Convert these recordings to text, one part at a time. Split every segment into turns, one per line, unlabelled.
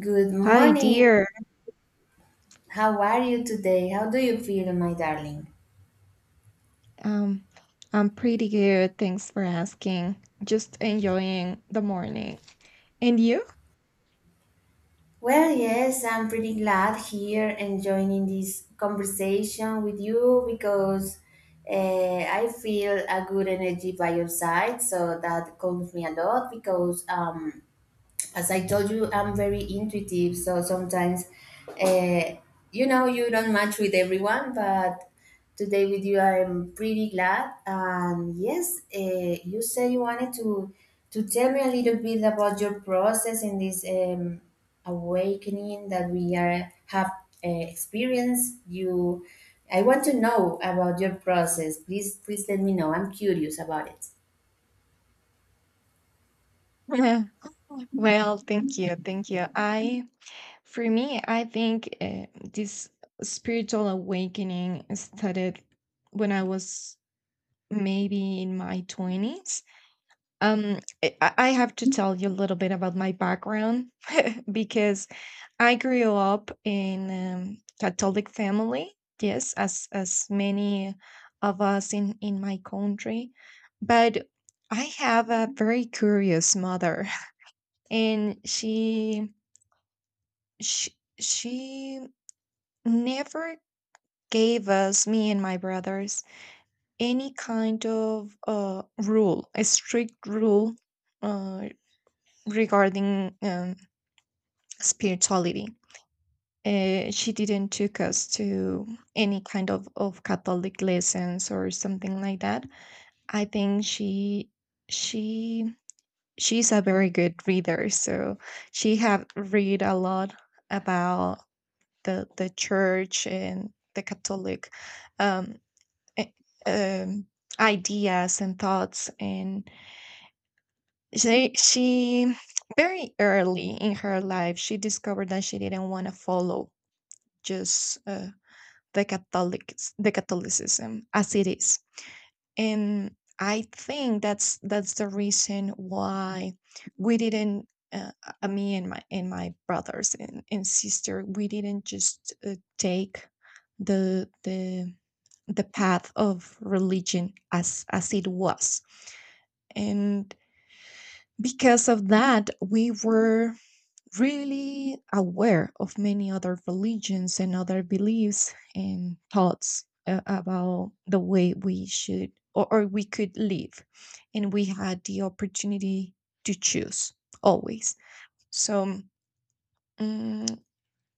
Good
Hi,
morning.
dear.
How are you today? How do you feel, my darling?
Um, I'm pretty good. Thanks for asking. Just enjoying the morning. And you?
Well, yes, I'm pretty glad here and joining this conversation with you because I feel a good energy by your side. So that calms me a lot because as I told you, I'm very intuitive. So sometimes, uh, you know, you don't match with everyone, but today with you, I'm pretty glad. And yes, you said you wanted to tell me a little bit about your process in this awakening that we are have experienced. I want to know about your process. Please, please let me know. I'm curious about it.
Yeah. Well, thank you. Thank you. For me, I think this spiritual awakening started when I was maybe in my 20s. I have to tell you a little bit about my background because I grew up in Catholic family, yes, as many of us in my country, but I have a very curious mother, and she never gave us, me and my brothers, any kind of rule, a strict rule uh, regarding spirituality. She didn't took us to any kind of Catholic lessons or something like that. I think she she's a very good reader, so she have read a lot about the church and the Catholic um, eh, um, ideas and thoughts, and she very early in her life she discovered that she didn't want to follow just the Catholicism as it is, and I think that's the reason why we didn't. Uh, Me and my brothers and sister, we didn't just take the the the path of religion as it was, and because of that, we were really aware of many other religions and other beliefs and thoughts about the way we should or we could live. And we had the opportunity to choose always. So, mm,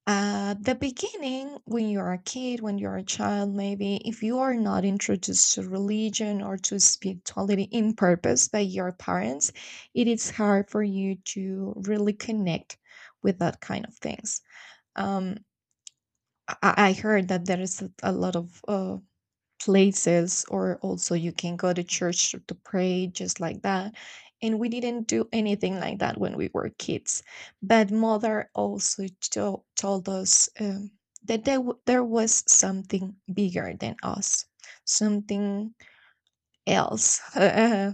at the beginning, when you're a kid, when you're a child, maybe if you are not introduced to religion or to spirituality in purpose by your parents, it is hard for you to really connect with that kind of things. Um, I heard that there is a lot of places or also you can go to church to pray just like that, and we didn't do anything like that when we were kids, but mother also told us that there, there was something bigger than us, something else,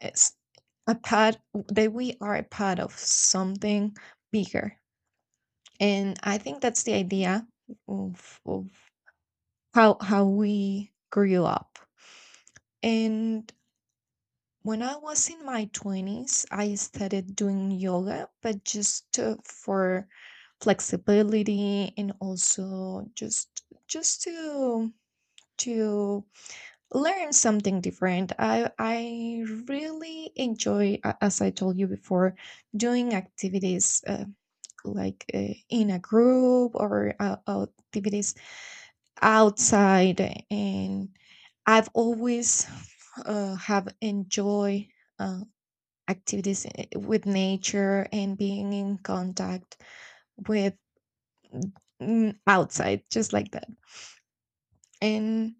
it's a part, that we are a part of something bigger, and I think that's the idea of how we grew up. And when I was in my 20s, I started doing yoga, but just for flexibility and also just to to learn something different. I really enjoy, as I told you before, doing activities like in a group or activities outside, and I've always have enjoy Uh, activities with nature, and being in contact with, outside, just like that. And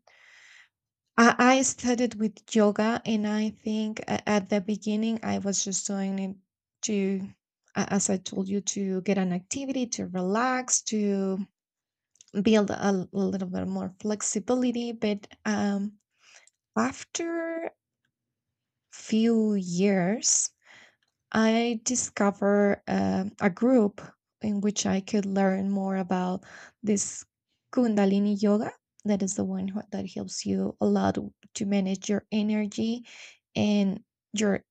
I started with yoga, and I think at the beginning I was just doing it to, as I told you, to get an activity, to relax, to build a, a little bit more flexibility. But after few years I discovered a group in which I could learn more about this Kundalini yoga. That is the one who, that helps you a lot to manage your energy and your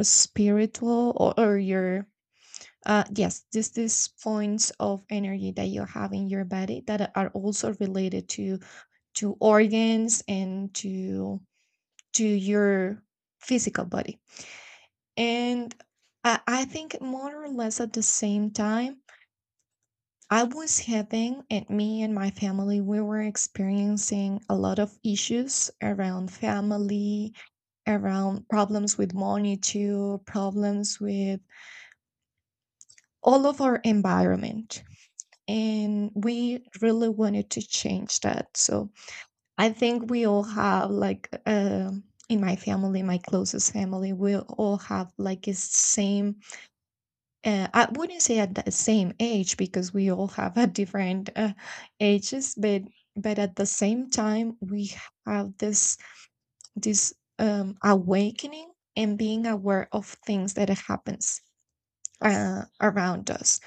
spiritual, or your yes, this, these points of energy that you have in your body that are also related to organs and to your physical body. And I think more or less at the same time, I was having, and me and my family, we were experiencing a lot of issues around family, around problems with money, too, problems with all of our environment. And we really wanted to change that. So I think we all have, like, in my family, my closest family, we all have like the same. I wouldn't say at the same age, because we all have a different ages, but at the same time we have this this awakening, and being aware of things that happens around us.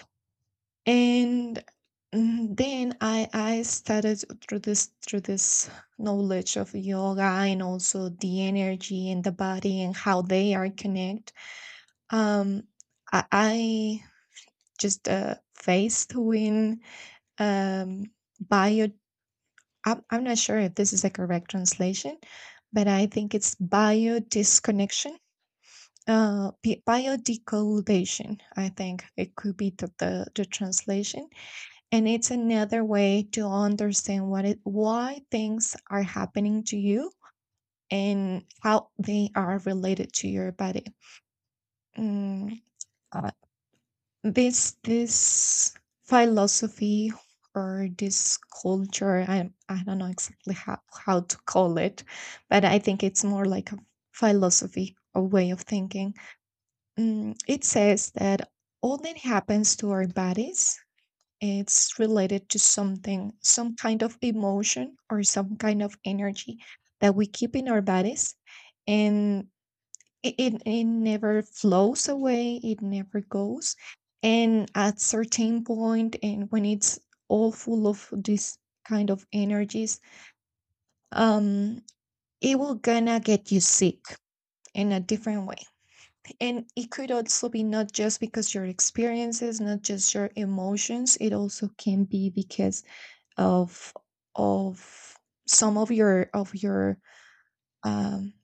And then I started through this, through this knowledge of yoga and also the energy and the body and how they are connect. Um, I. I just a faith in um, bio. I'm not sure if this is a correct translation, but I think it's bio disconnection, bio decodation. I think it could be the translation, and it's another way to understand what it, why things are happening to you and how they are related to your body. Mm, this philosophy, or this culture, I don't know exactly how to call it, but I think it's more like a philosophy, a way of thinking. It says that all that happens to our bodies, it's related to something, some kind of emotion or some kind of energy that we keep in our bodies, and it never flows away, it never goes, and at certain point, and when it's all full of this kind of energies, um it will gonna get you sick in a different way. And it could also be not just because your experiences, not just your emotions, it also can be because of of some of your, of your um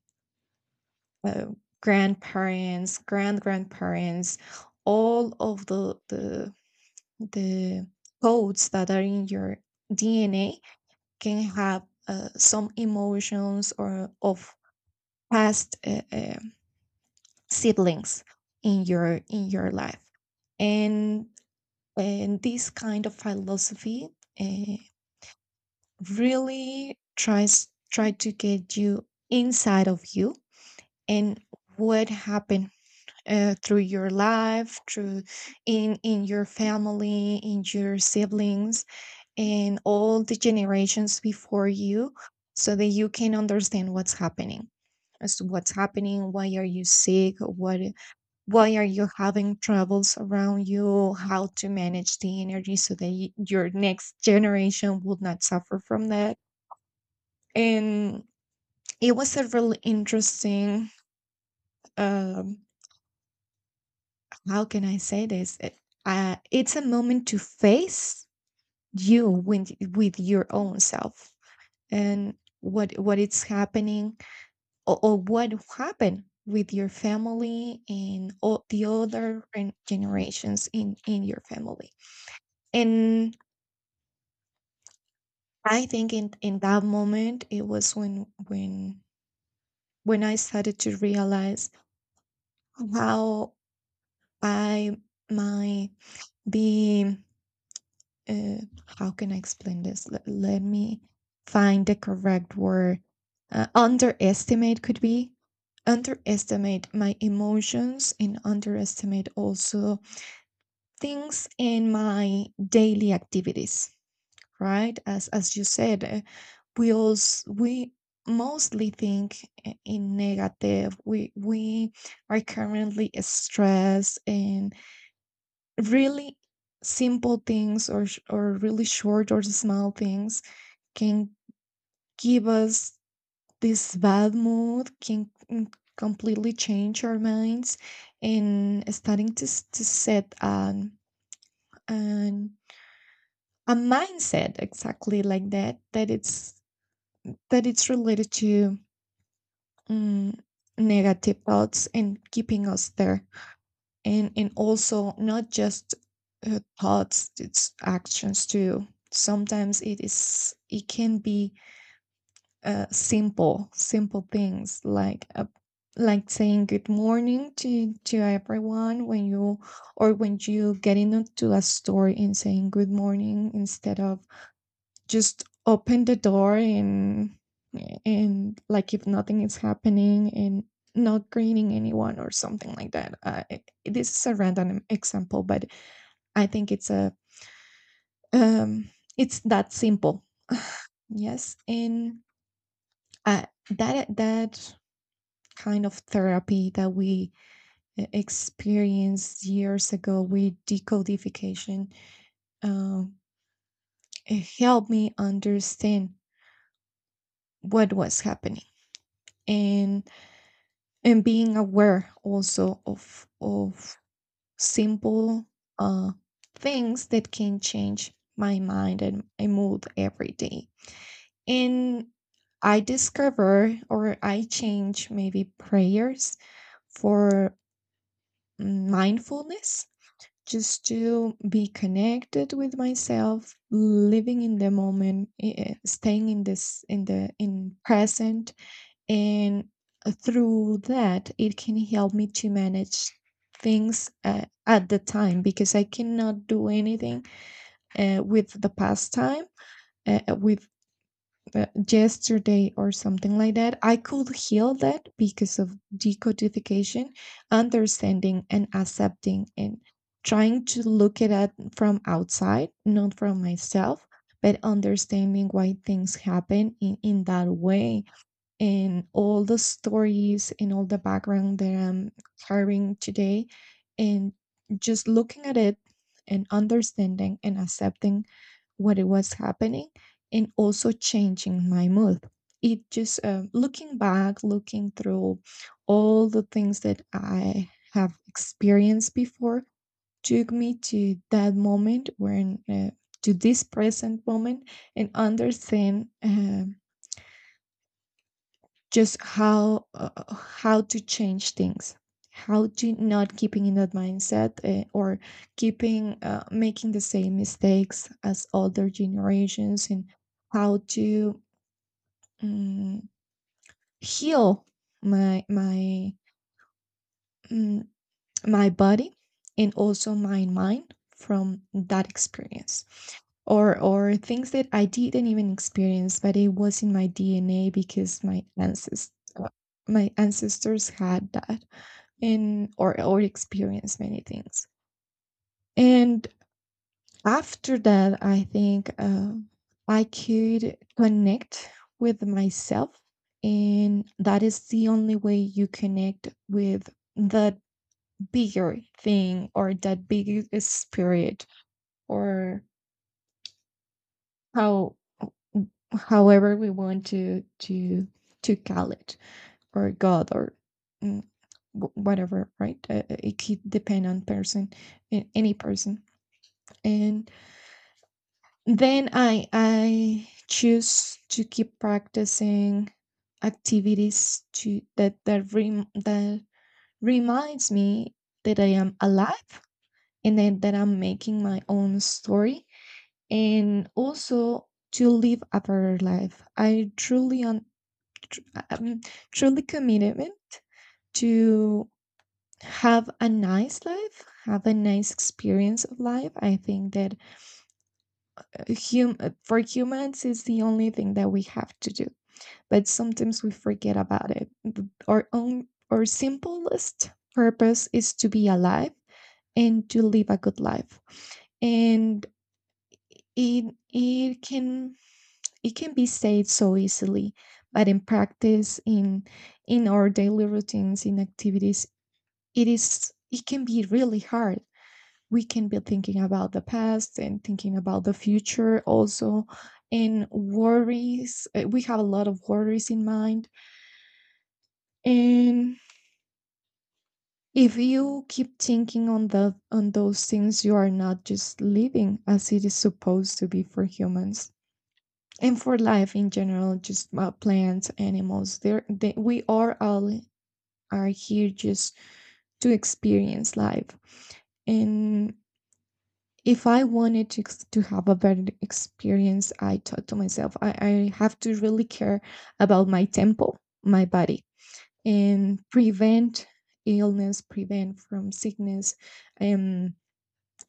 uh, grandparents, grandparents, all of the the codes that are in your DNA, can have some emotions, or of past siblings in your, in your life, and and this kind of philosophy uh, really tries, try to get you inside of you, and what happened through your life, through, in your family, in your siblings, and all the generations before you, so that you can understand what's happening. As to what's happening, why are you sick, what, why are you having troubles around you, how to manage the energy so that your next generation will not suffer from that. And it was a really interesting um, how can I say this? It's a moment to face you with your own self, and what is happening, or what happened with your family, and all the other generations in your family. And I think in that moment it was when I started to realize how I might be uh, how can I explain this? Let, let me find the correct word. Underestimate, could be underestimate my emotions, and underestimate also things in my daily activities, right? As you said, we also, we mostly think in negative, we are currently stressed, and really simple things, or really short or small things can give us this bad mood, can completely change our minds, and starting to, to set an a mindset exactly like that, that it's related to mm, negative thoughts, and keeping us there. And also not just thoughts, it's actions too. Sometimes it is, it can be simple things like a, like saying good morning to everyone when you, or when you get into a store, and saying good morning instead of just open the door and like if nothing is happening, and not greeting anyone or something like that. This is a random example, but I think it's a um, it's that simple. Yes, and that kind of therapy that we experienced years ago with decodification, um, it helped me understand what was happening, and and being aware also of simple uh, things that can change my mind and my mood every day. And I discover, or I change maybe prayers for mindfulness, just to be connected with myself, living in the moment, staying in this, in the, in present. And through that it can help me to manage things at the time, because I cannot do anything with the past time, with yesterday or something like that, I could heal that because of decodification, understanding and accepting, and trying to look at it from outside, not from myself, but understanding why things happen in that way, and all the stories and all the background that I'm carrying today. And just looking at it and understanding and accepting what it was happening, and also changing my mood. It just looking back, looking through all the things that I have experienced before, took me to that moment, when to this present moment, and understand just how to change things, how to not keeping in that mindset, or keeping making the same mistakes as older generations, and how to um, heal my mm, my body, and also my mind from that experience, or things that I didn't even experience, but it was in my DNA because my ancestors had that. And or experience many things. And after that, I think I could connect with myself, and that is the only way you connect with that bigger thing or that bigger spirit or how however we want to call it or god or mm, wh- whatever, right. It could depend on person, any person. And then I choose to keep practicing activities to that reminds me that I am alive and then that I'm making my own story, and also to live a better life. I truly un, tr- um, Truly commitment to have a nice life, have a nice experience of life. I think that, for humans, is the only thing that we have to do. But sometimes we forget about it. Our own, our simplest purpose is to be alive and to live a good life. And it it can it can be said so easily, but in practice, in our daily routines, in activities, it is it can be really hard. We can be thinking about the past and thinking about the future also, and worries. We have a lot of worries in mind. And if you keep thinking on the on those things, you are not just living as it is supposed to be for humans and for life in general. Just plants, animals, we are all are here just to experience life. And if I wanted to to have a better experience, I thought to myself, I have to really care about my temple, my body, and prevent illness, prevent from sickness. And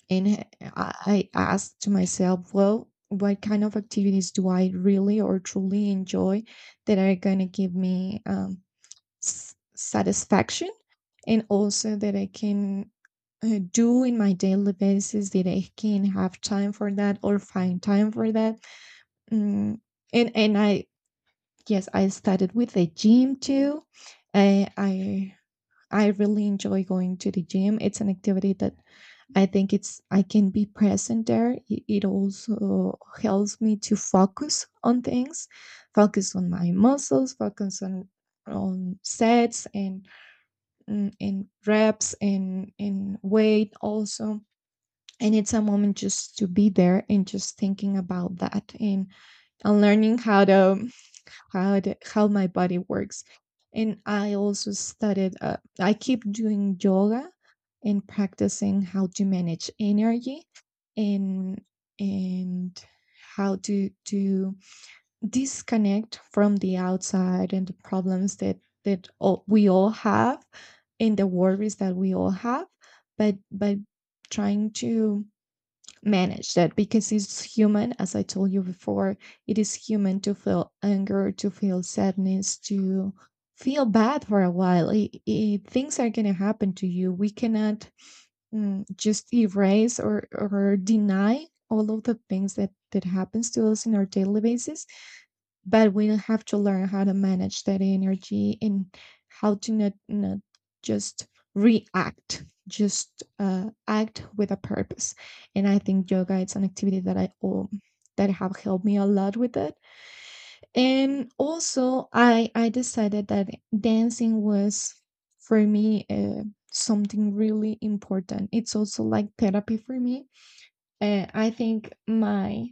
And I I asked myself, well, what kind of activities do I really or truly enjoy that are going to give me satisfaction, and also that I can do in my daily basis, that I can have time for that or find time for that. Mm, and I, yes, I started with the gym too. I I I really enjoy going to the gym. It's an activity that I think it's I can be present there. It also helps me to focus on things, focus on my muscles, focus on sets and and reps and weight also. And it's a moment just to be there and just thinking about that, and learning how to how how my body works. And I also started. I keep doing yoga and practicing how to manage energy, and and how to disconnect from the outside and the problems that that all, we all have, and the worries that we all have, but by trying to manage that, because it's human. As I told you before, it is human to feel anger, to feel sadness, to feel bad for a while. Things are going to happen to you. We cannot just erase or deny all of the things that that happens to us in our daily basis, but we have to learn how to manage that energy, and how to not just react, just act with a purpose. And I think yoga is an activity that I that have helped me a lot with it. And also I decided that dancing was for me, something really important. It's also like therapy for me. I think my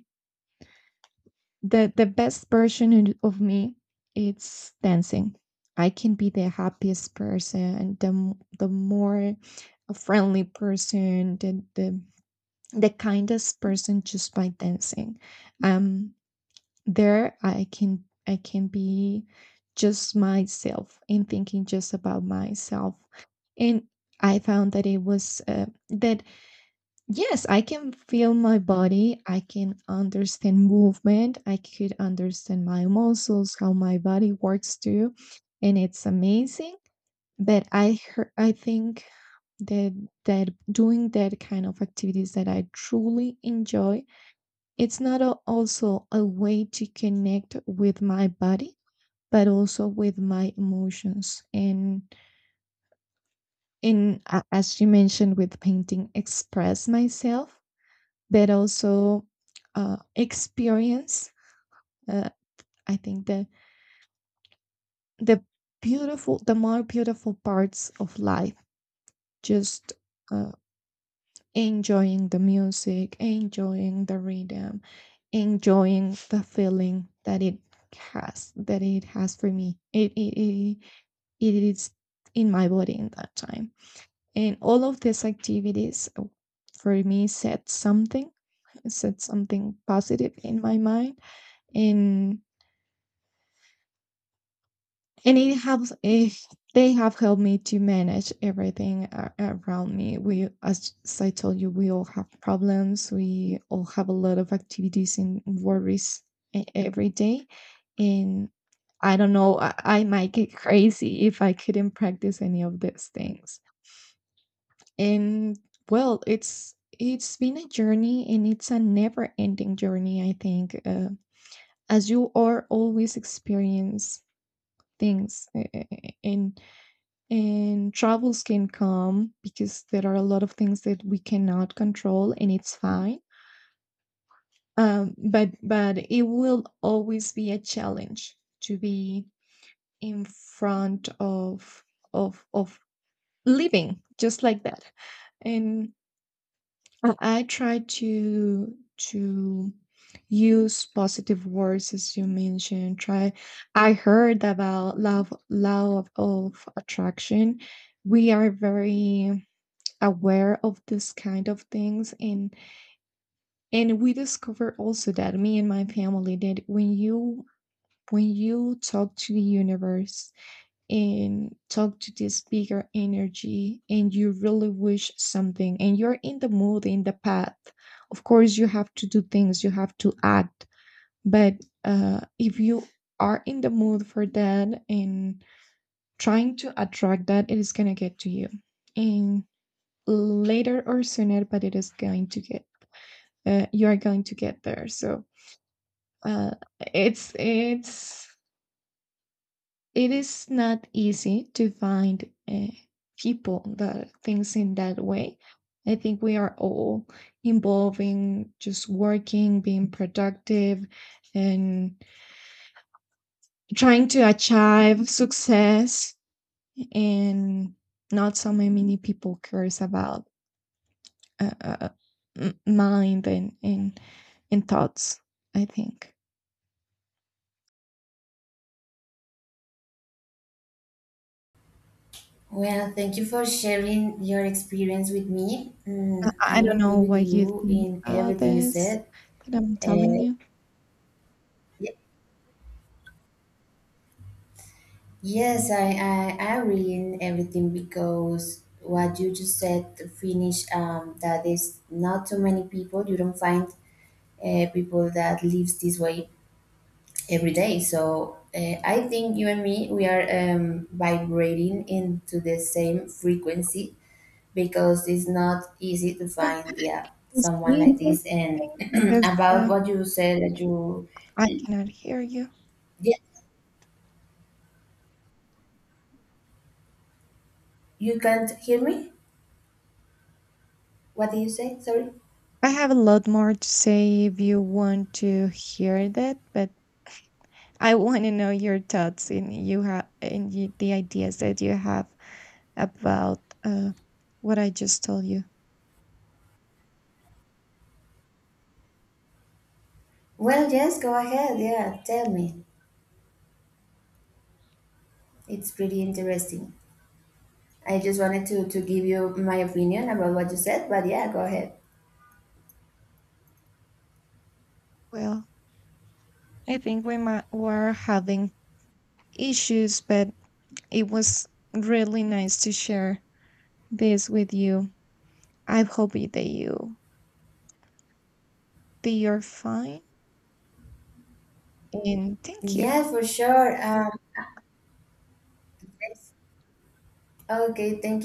the best version of me, it's dancing. I can be the happiest person, the more friendly person, the the kindest person, just by dancing. um there I can be just myself, and thinking just about myself. And I found that it was that yes, I can feel my body. I can understand movement. I could understand my muscles, how my body works too, and it's amazing. But I think that that doing that kind of activities that I truly enjoy, it's not a, also a way to connect with my body, but also with my emotions, and as you mentioned with painting, express myself, but also experience. Uh, I think the the beautiful, the more beautiful parts of life, just uh, enjoying the music, enjoying the rhythm, enjoying the feeling that it has for me. It is in my body in that time, and all of these activities, for me, said something, said something positive in my mind. and and it helps if they have helped me to manage everything around me. We, as I told you, we all have problems, we all have a lot of activities and worries every day. And I don't know, I might get crazy if I couldn't practice any of these things. And well, it's been a journey, and it's a never ending journey. I think, as you are always experience things, and troubles can come, because there are a lot of things that we cannot control, and it's fine. But it will always be a challenge to be in front of of of living just like that. And I try to use positive words, as you mentioned. Try, I heard about love law of attraction. We are very aware of this kind of things, and we discovered also, that me and my family, that when you talk to the universe and talk to this bigger energy, and you really wish something, and you're in the mood, in the path, of course you have to do things, you have to act, but if you are in the mood for that, and trying to attract that, it is going to get to you. And later or sooner, but it is going to get, you are going to get there. So uh, it's it is not easy to find people that thinks in that way. I think we are all involving just working, being productive, and trying to achieve success. And not so many people cares about uh, uh, mind, and thoughts. I think
Well, thank you for sharing your experience with me. Mm,
I
I'm
don't
agree
know
with
what you
you
think
in
about
everything you
this
said.
that I'm telling
Uh,
you.
y- yes, I agree in everything because what you just said to finish, that is not too many people. You don't find people that lives this way every day. So I think you and me, we are vibrating into the same frequency because it's not easy to
Can
find, yeah,
you
someone like
say
this. And
something, because
about what you said that you.
I cannot hear you.
Yeah, you can't hear me. What did you say? Sorry.
I have a lot more to say if you want to hear that, but I want to know your thoughts, and you have, and you, the ideas that you have about what I just told you.
Well, yes, go ahead. Yeah, tell me. It's pretty interesting. I just wanted to give you my opinion about what you said, but yeah, go ahead.
Well, I think we might, were having issues, but it was really nice to share this with you. I hope that you that you're fine, and thank you.
Yeah, for sure. Yes. Okay, thank